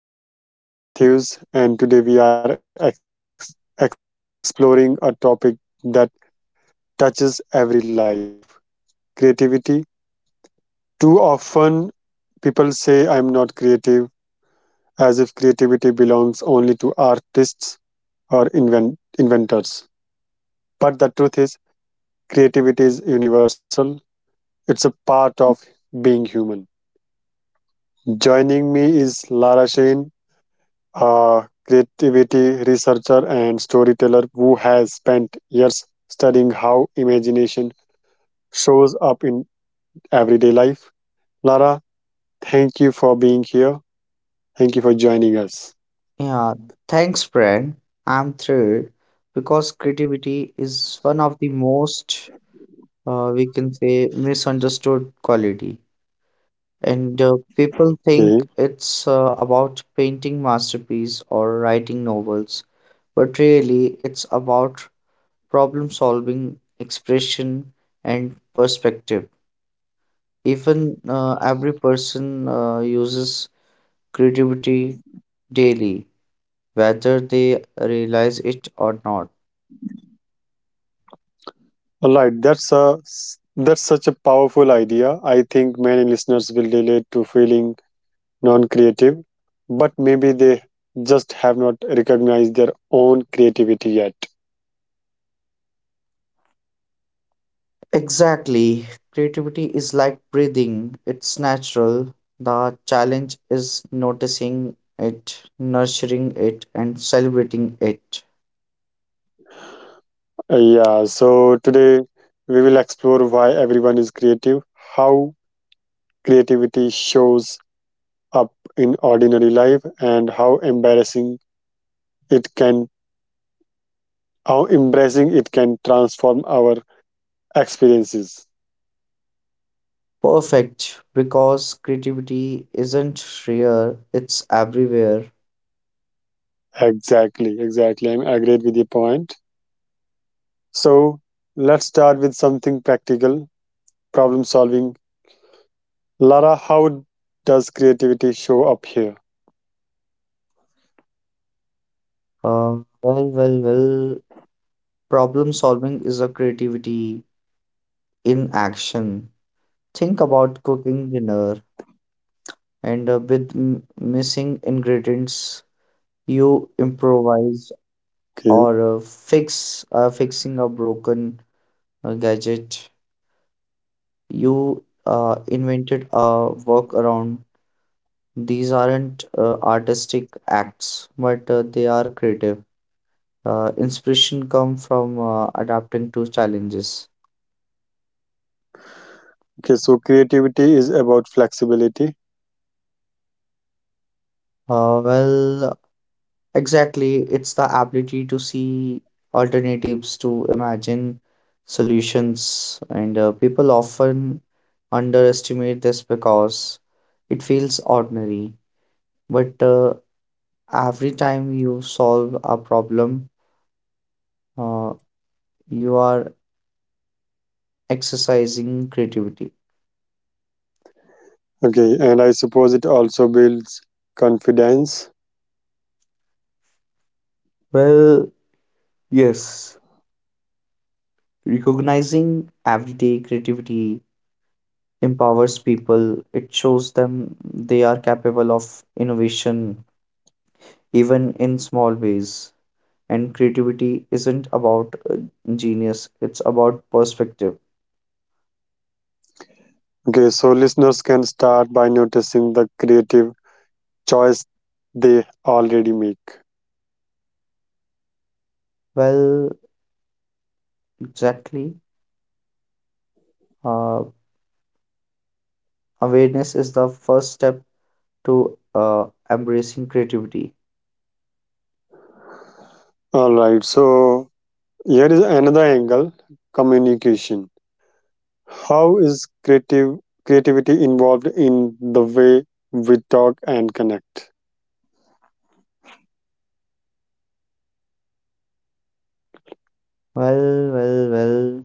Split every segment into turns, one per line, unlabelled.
is Creative. I'm Brian Matthews, and today we are exploring a topic that touches every life creativity. Too often, people say I'm not creative, as if creativity belongs only to artists or inventors. But the truth is, creativity is universal, it's a part of being human. Joining me is Lara Shane, a creativity researcher and storyteller who has spent years studying how imagination shows up in everyday life. Lara, thank you for being here. Thank you for joining us.
Yeah, thanks, Brian. I'm thrilled because creativity is one of the most, we can say, misunderstood quality. And people
Okay.
think it's about painting masterpiece or writing novels, but really it's about problem solving, expression, and perspective. Even every person uses creativity daily, whether they realize it or not.
All right, that's such a powerful idea. I think many listeners will relate to feeling non-creative, but maybe they just have not recognized their own creativity yet.
Exactly. Creativity is like breathing, it's natural. The challenge is noticing it, nurturing it, and celebrating it.
Yeah, so today we will explore why everyone is creative, how creativity shows up in ordinary life, and how embarrassing it can, how embracing it can transform our experiences.
Perfect, because creativity isn't rare, it's everywhere.
Exactly, exactly. I'm agreed with your point. So let's start with something practical, problem solving. Lara, how does creativity show up here?
Uh, well, well, well. Problem solving is a creativity in action. Think about cooking dinner, and with missing ingredients, you improvise or fixing a broken gadget. You invented a workaround. These aren't artistic acts, but they are creative. Inspiration come from adapting to challenges.
Okay, so creativity is about flexibility.
Uh, well, exactly. It's the ability to see alternatives, to imagine solutions, and people often underestimate this because it feels ordinary. But every time you solve a problem, uh, you are exercising creativity.
Okay, and I suppose it also builds confidence.
Well, yes. Recognizing everyday creativity empowers people. It shows them they are capable of innovation, even in small ways. And creativity isn't about genius, it's about perspective.
Okay, so listeners can start by noticing the creative choice they already make.
Well, exactly. Uh, Awareness is the first step to embracing creativity.
All right, so here is another angle communication. How is creative creativity involved in the way we talk and connect?
Well, well, well,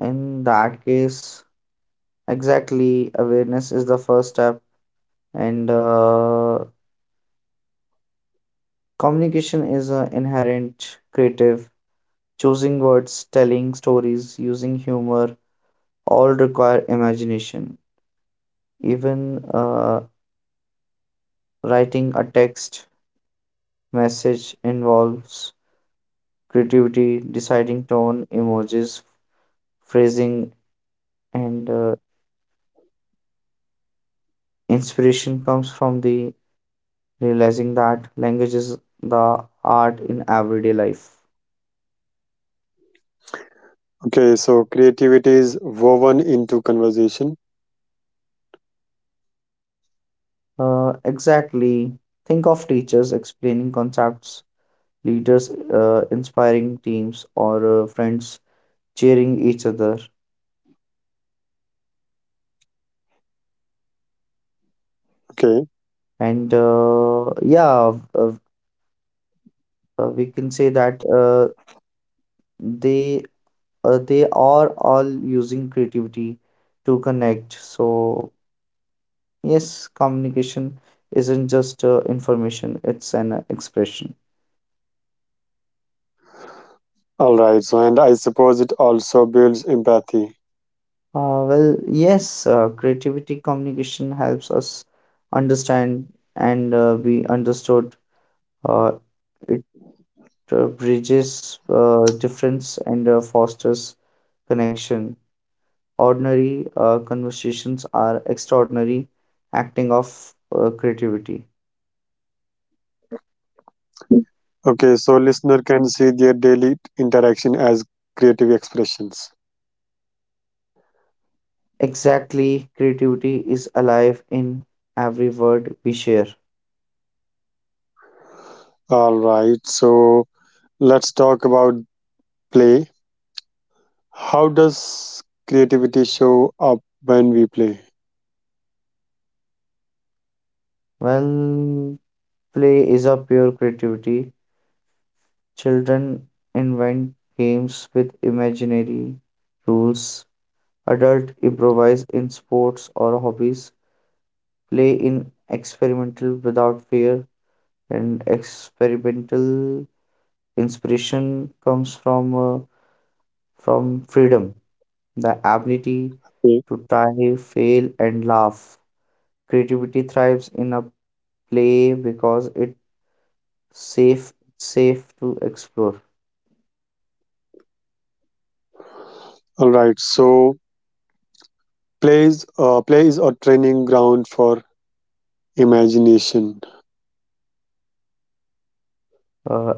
in that case, exactly, awareness is the first step, and communication is inherent creative. Choosing words, telling stories, using humor all require imagination. Even writing a text message involves creativity, deciding tone, emojis, phrasing, and inspiration comes from the realizing that language is the art in everyday life.
Okay, so creativity is woven into conversation.
Exactly. Think of teachers explaining concepts, leaders inspiring teams, or friends cheering each other.
Okay,
And uh, yeah, uh, we can say that they they are all using creativity to connect. So yes, communication isn't just information; it's an expression.
all right. So, and I suppose it also builds empathy.
Yes, creativity communication helps us understand and be understood. Uh, it bridges difference and fosters connection. Ordinary conversations are extraordinary acting of creativity.
Okay, so listener can see their daily interaction as creative expressions.
Exactly, creativity is alive in every word we share.
All right. So, let's talk about play. How does creativity show up when we play?
Well, play is a pure creativity. Children invent games with imaginary rules. Adults improvise in sports or hobbies. Play in experimental without fear, and experimental inspiration comes from freedom, the ability to try,
Okay.
fail, and laugh. Creativity thrives in a play because it's safe, safe to explore.
All right. So, play is a training ground for imagination.
Uh,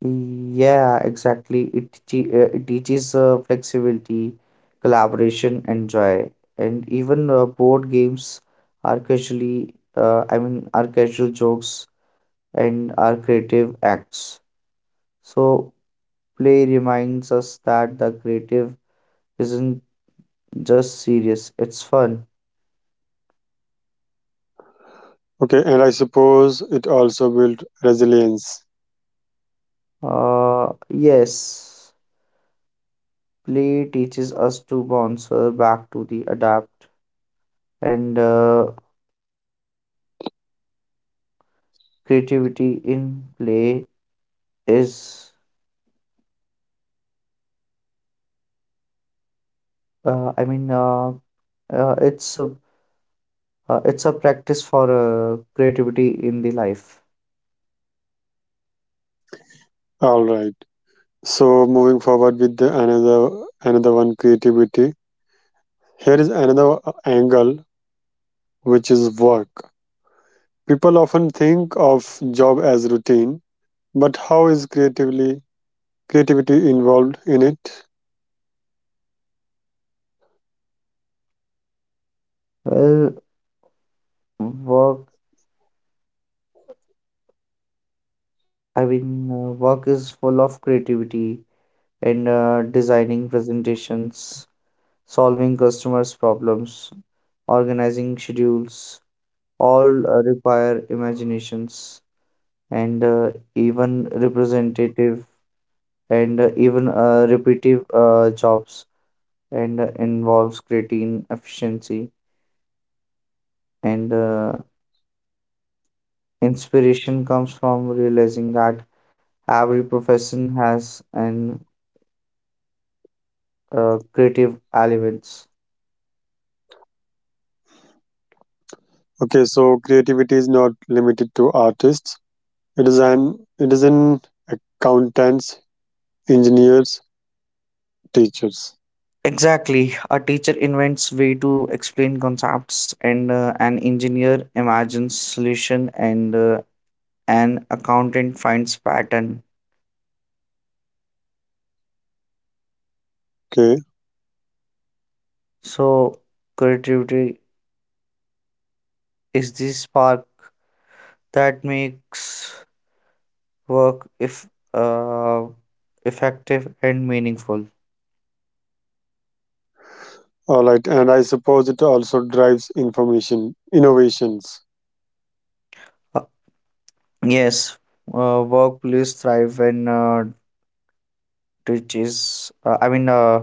Yeah, exactly. It, it teaches flexibility, collaboration, and joy. And even board games are casually, are casual jokes and are creative acts. So play reminds us that the creative isn't just serious, it's fun.
Okay, and I suppose it also built resilience.
Yes, play teaches us to bounce back to the adapt and creativity in play is Uh, I mean, uh, uh, it's a it's a practice for creativity in the life.
All right, so moving forward with the another another one creativity here is another angle which is work. People often think of job as routine, but how is creatively creativity involved in it?
Well, work. Work is full of creativity and designing presentations, solving customers' problems, organizing schedules. All require imaginations and even representative and even repetitive jobs and involves creating efficiency and Inspiration comes from realizing that every profession has an creative elements.
Okay, so creativity is not limited to artists. It is an it is an accountants, engineers, teachers.
Exactly. A teacher invents way to explain concepts and an engineer imagines solution and an accountant finds pattern.
Okay,
So creativity is the spark that makes work if uh, effective and meaningful.
all right, and I suppose it also drives information innovations.
Yes, workplace thrive when which is I mean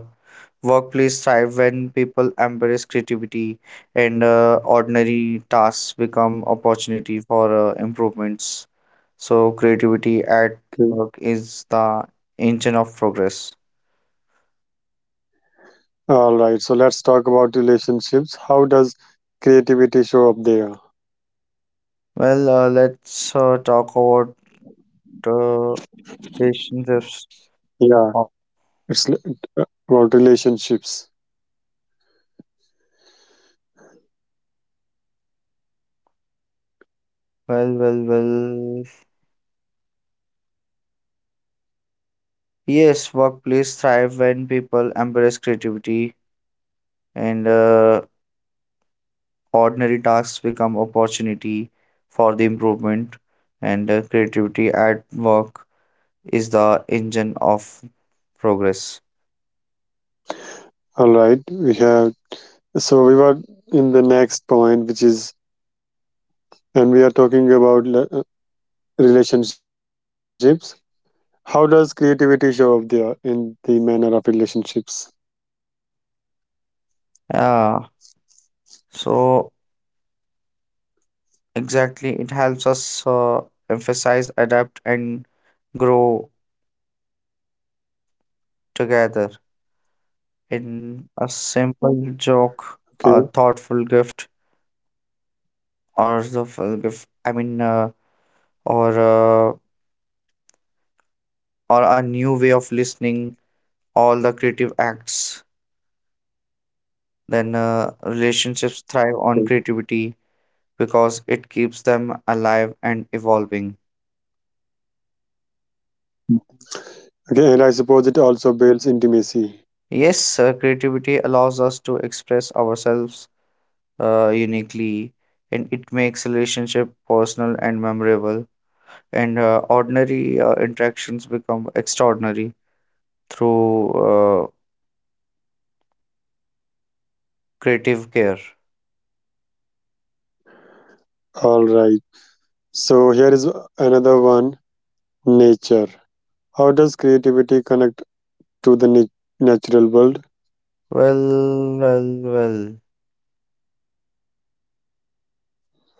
workplace thrive when people embrace creativity and ordinary tasks become opportunity for improvements. So creativity at
Okay,
work is the engine of progress.
all right. So let's talk about relationships. How does creativity show up there?
Let's talk about uh, relationships.
Yeah,
Oh,
it's l- about relationships.
Well, well, well. Yes, workplace thrive when people embrace creativity and ordinary tasks become opportunity for the improvement, and creativity at work is the engine of progress.
All right, we have. So we were in the next point, which is, and we are talking about relationships. How does creativity show up there in the manner of relationships?
Yeah, so exactly, it helps us emphasize, adapt, and grow together. In a simple
Okay.
joke, a thoughtful gift, or the full gift, I mean, or uh, or a new way of listening, all the creative acts. Then relationships thrive on creativity because it keeps them alive and evolving.
Okay, and I suppose it also builds intimacy.
Yes, creativity allows us to express ourselves uniquely, and it makes relationship personal and memorable. And ordinary interactions become extraordinary through creative care.
All right. So here is another one nature. How does creativity connect to the natural world?
Well, well, well.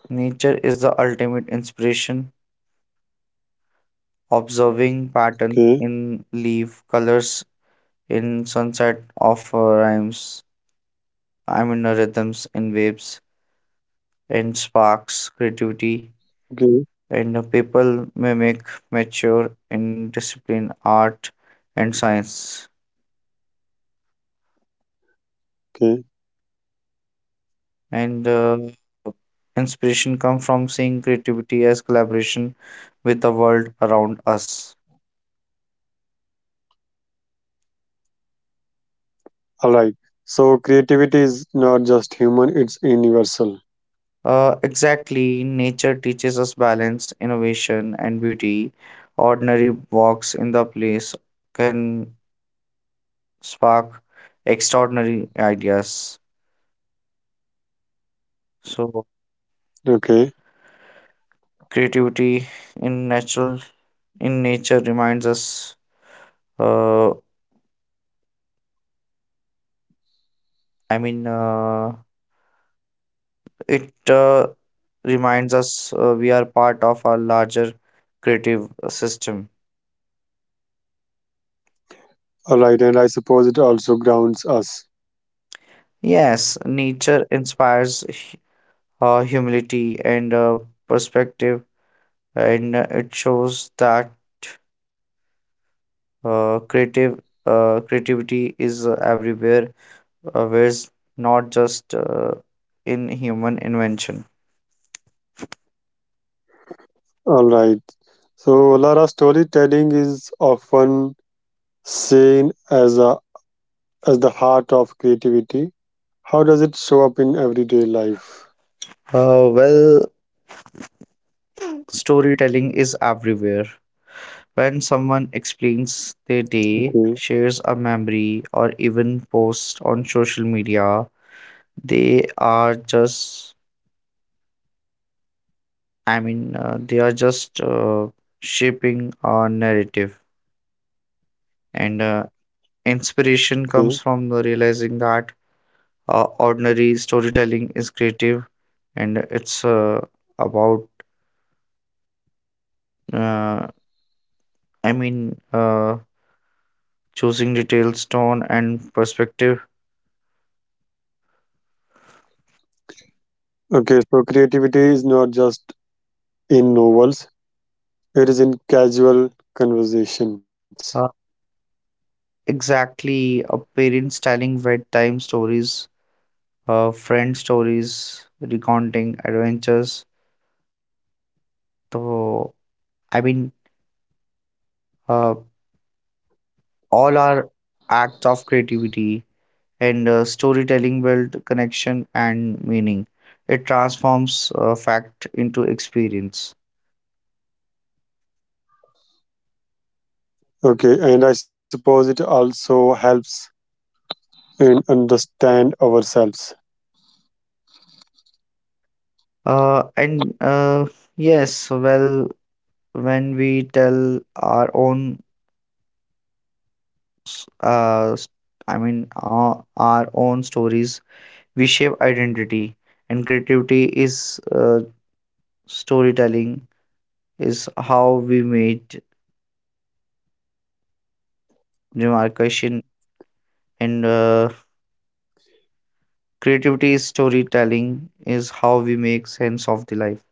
Nature is the ultimate inspiration. Observing patterns
Okay.
in leaf colors in sunset of rhymes I mean rhythms and waves and sparks creativity
Okay.
and people mimic mature in discipline art and science
Okay.
and inspiration come from seeing creativity as collaboration with the world around us.
All right. So creativity is not just human, it's universal.
Exactly, nature teaches us balance innovation and beauty. Ordinary walks in the place can spark extraordinary ideas. So
Okay.
creativity in natural in nature reminds us. Uh, I mean, uh, it reminds us we are part of our larger creative system.
All right. And I suppose it also grounds us.
Yes, nature inspires humility and perspective, and it shows that creative creativity is everywhere was not just in human invention.
All right. So Lara storytelling is often seen as a as the heart of creativity. How does it show up in everyday life?
Uh, well, storytelling is everywhere. When someone explains their
Okay.
day, shares a memory, or even posts on social media, they are just, they are just shaping our narrative. And inspiration
Okay.
comes from the realizing that ordinary storytelling is creative and it's about uh, I mean, uh, choosing details, tone, and perspective.
Okay, so creativity is not just in novels, it is in casual conversations.
Uh, exactly, a parent's telling bedtime stories, friend stories, recounting adventures. So, I mean, uh, all are acts of creativity, and storytelling build connection and meaning. It transforms fact into experience.
Okay, and I suppose it also helps in understand ourselves.
And Yes, well, when we tell our own s- uh, s- I mean, our own stories. We shape identity, and creativity is uh, storytelling, is how we made demarcation, and creativity is storytelling, is how we make sense of the life.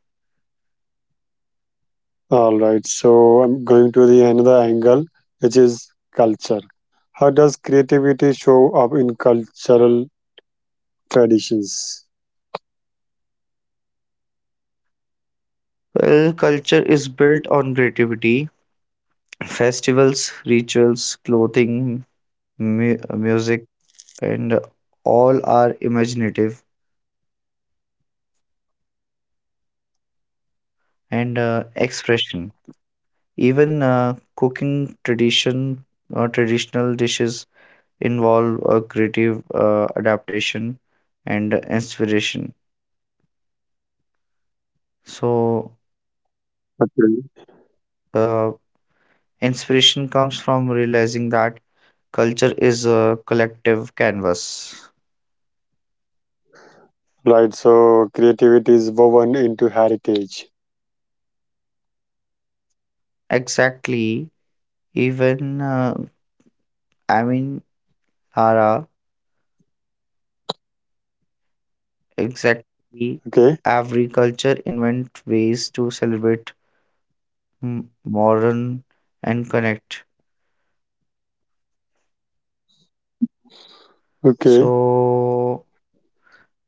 All right, so I'm going to the another angle, which is culture. How does creativity show up in cultural traditions?
Well, culture is built on creativity. Festivals, rituals, clothing, mu- music, and all are imaginative and expression. Even cooking tradition or traditional dishes involve a creative adaptation and inspiration. So,
Okay.
uh, inspiration comes from realizing that culture is a collective canvas.
Right, so creativity is woven into heritage.
Exactly. Even I mean, Hara, exactly.
Okay,
Every culture invent ways to celebrate modern and connect.
okay.
So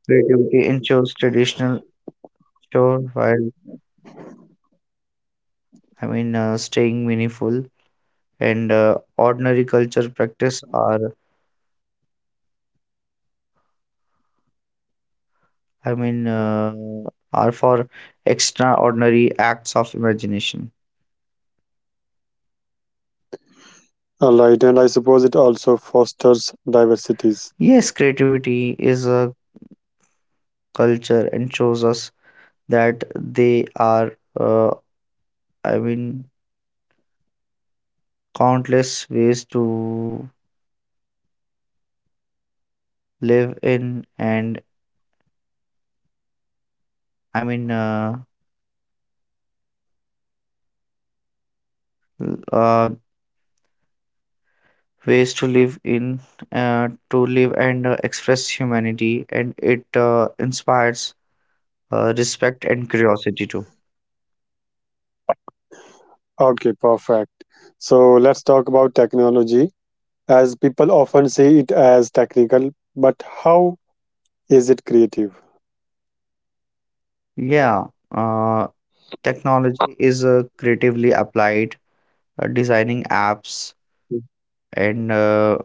creativity ensures traditional chore while staying meaningful and ordinary culture practice are I mean uh, are for extraordinary acts of imagination.
All right, and I suppose it also fosters diversities.
Yes, creativity is a culture and shows us that they are uh, I mean countless ways to live in and I mean uh, ways to live in to live and express humanity and it inspires respect and curiosity too.
Okay, perfect. So let's talk about technology, as people often see it as technical, but how is it creative?
Yeah, uh, technology is creatively applied, designing apps and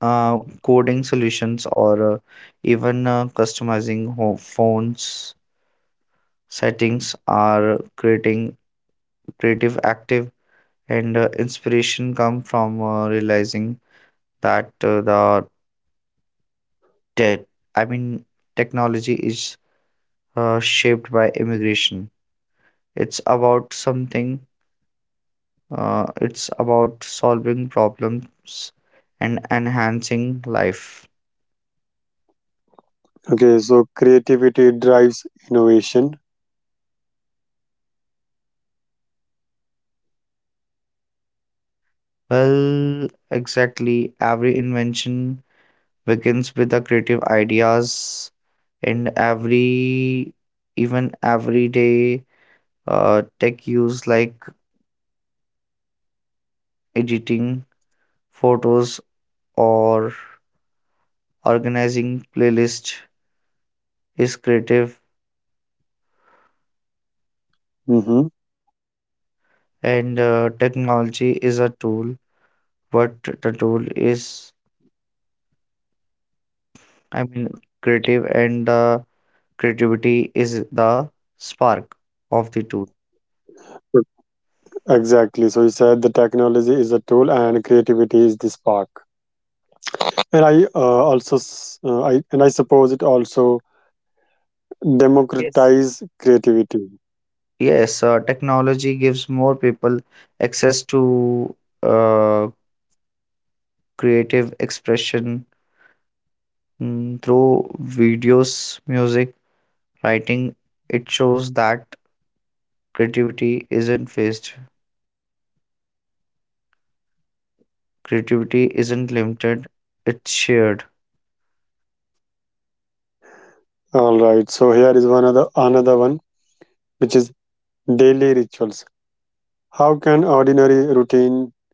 uh, coding solutions or even customizing phones settings are creating creative active and inspiration come from realizing that the tech I mean technology is shaped by immigration. It's about something, it's about solving problems and enhancing life.
Okay, so creativity drives innovation.
Well, exactly, every invention begins with the creative ideas and every even everyday tech use like editing photos or organizing playlist is creative
Hmm.
and technology is a tool, but the tool is, i mean creative, and creativity is the spark of the tool.
Exactly. So you said the technology is a tool and creativity is the spark. And I also, I suppose it also
Yes.
democratize creativity.
Yes, technology gives more people access to uh, creative expression, through videos, music, writing. It shows that creativity isn't faced creativity isn't limited, it's shared.
All right. So here is one other another one, which is daily rituals. How can ordinary routine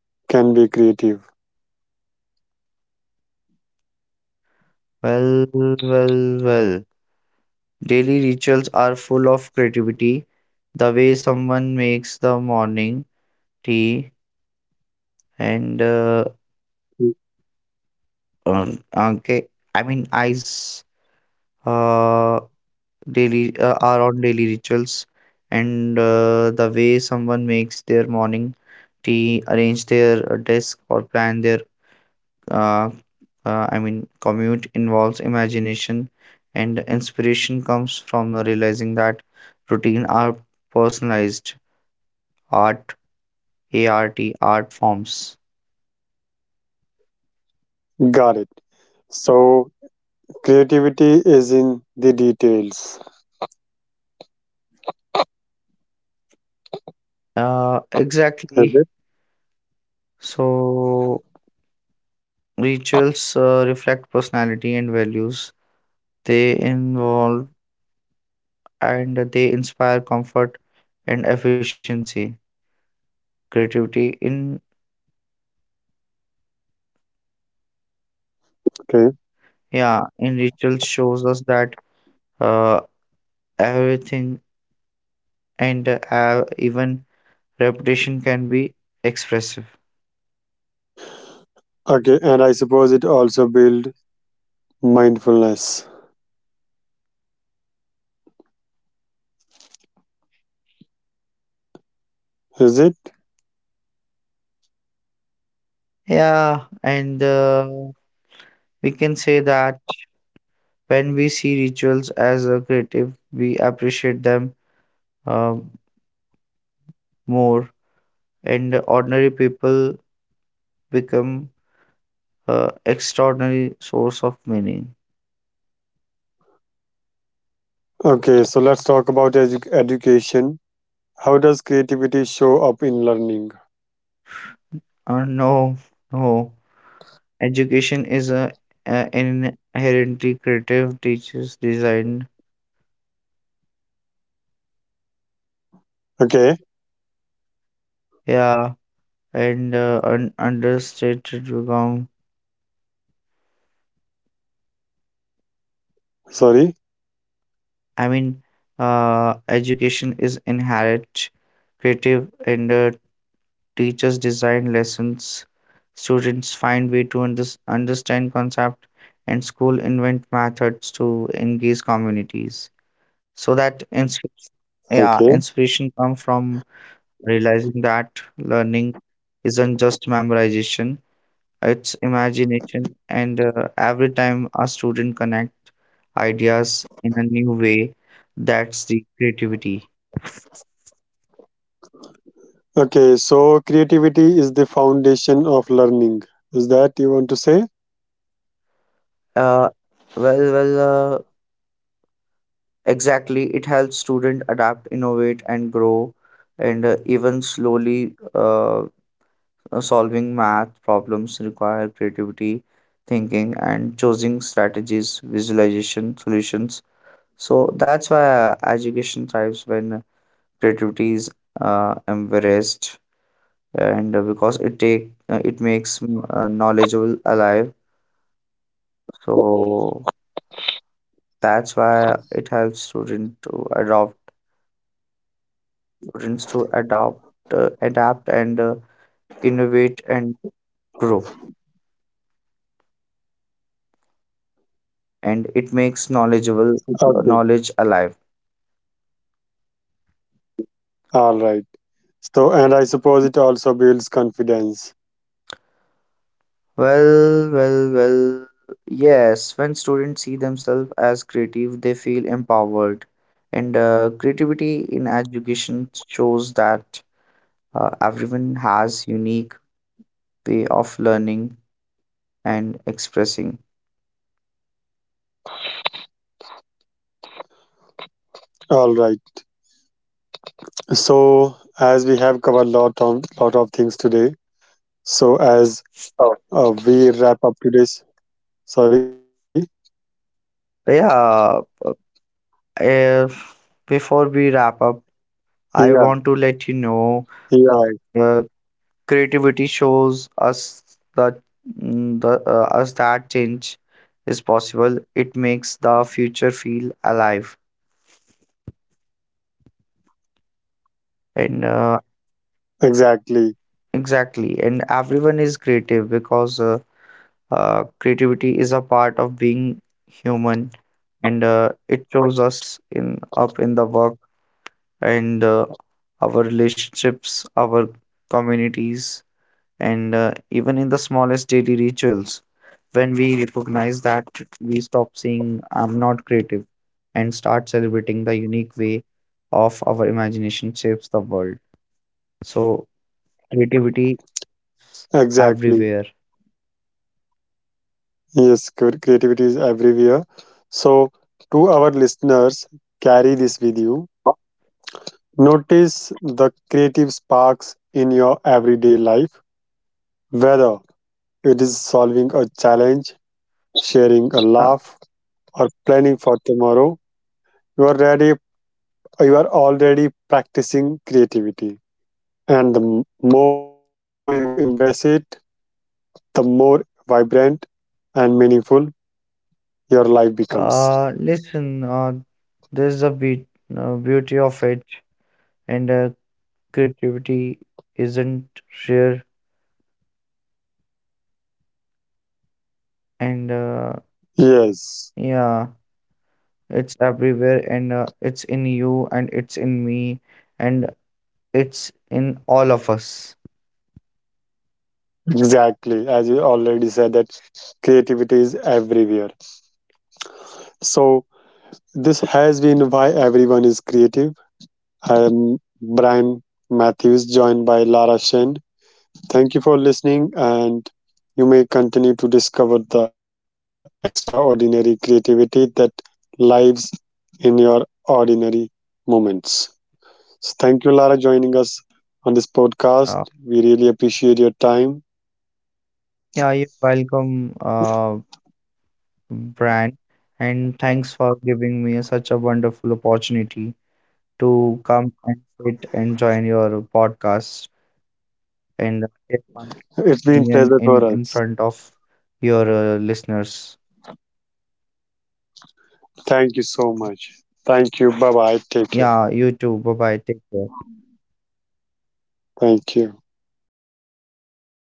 can be creative?
well well well Daily rituals are full of creativity. The way someone makes the morning tea and okay, I mean eyes uh, daily are on daily rituals, and The way someone makes their morning tea, arrange their desk, or plan their uh, commute involves imagination, and inspiration comes from realizing that routine are personalized art ART art forms.
Got it. So creativity is in the details. Is
Exactly.
it?
So, rituals reflect personality and values. They involve and they inspire comfort and efficiency. Creativity in,
Okay.
yeah, in rituals shows us that uh, everything and even repetition can be expressive.
Okay, and I suppose it also build mindfulness. Is it?
Yeah, and we can say that when we see rituals as a creative, we appreciate them uh, more and ordinary people become extraordinary source of meaning.
Okay, so let's talk about education. How does creativity show up in learning?
No, no. Education is a inherently creative teachers designed,
Okay,
yeah, and understated become.
sorry.
I mean, Education is inherent, creative, and teachers design lessons, students find way to understand concept and school invent methods to engage communities, so that inspiration,
Okay.
yeah, inspiration comes from realizing that learning isn't just memorization, it's imagination, and every time a student connect ideas in a new way, that's the creativity.
Okay, so creativity is the foundation of learning. Is that you want to say?
uh, well well uh, Exactly, it helps students adapt, innovate, and grow, and even slowly solving math problems require creativity, thinking, and choosing strategies, visualization, solutions. So that's why education thrives when creativity is embraced, and because it take it makes knowledgeable alive. So that's why it helps students to adopt, adapt and innovate and grow. And it makes knowledgeable
Okay.
knowledge alive.
All right. So, and I suppose it also builds confidence.
Well, well, well. Yes, when students see themselves as creative, they feel empowered. And creativity in education shows that everyone has unique way of learning and expressing.
All right. So, as we have covered a lot of things today, so as
Oh.
we wrap up today's, sorry,
Yeah, uh, Before we wrap up,
yeah,
I want to let you know,
yeah,
Uh, creativity shows us that mm, the us that change is possible. It makes the future feel alive. And
exactly,
Exactly, and everyone is creative because creativity is a part of being human, and it shows us in up in the work and our relationships, our communities, and even in the smallest daily rituals. When we recognize that, we stop saying I'm not creative and start celebrating the unique way of our imagination shapes the world. So creativity is
exactly.
everywhere.
Yes, creativity is everywhere. So, to our listeners, carry this with you.
uh,
Notice the creative sparks in your everyday life, whether it is solving a challenge, sharing a laugh, or planning for tomorrow, you are ready, you are already practicing creativity. And the more you embrace it, the more vibrant and meaningful your life becomes.
uh, listen uh, there's a bit beauty of it and creativity isn't rare, and
Yes,
yeah, it's everywhere and it's in you and it's in me and it's in all of us.
exactly. As you already said, that creativity is everywhere. So, this has been why everyone is creative. I am Brian Matthews, joined by Lara Shen. Thank you for listening, and you may continue to discover the extraordinary creativity that lives in your ordinary moments. So thank you, Lara, joining us on this podcast.
Uh,
We really appreciate your time.
Yeah, you're welcome, Brian, and thanks for giving me such a wonderful opportunity to come and sit and join your podcast and get my
It's been
opinion
pleasure for
in
us.
front of your listeners.
Thank you so much. Thank you. Bye bye. Take care.
Yeah, you too. Bye bye. Take care.
Thank you.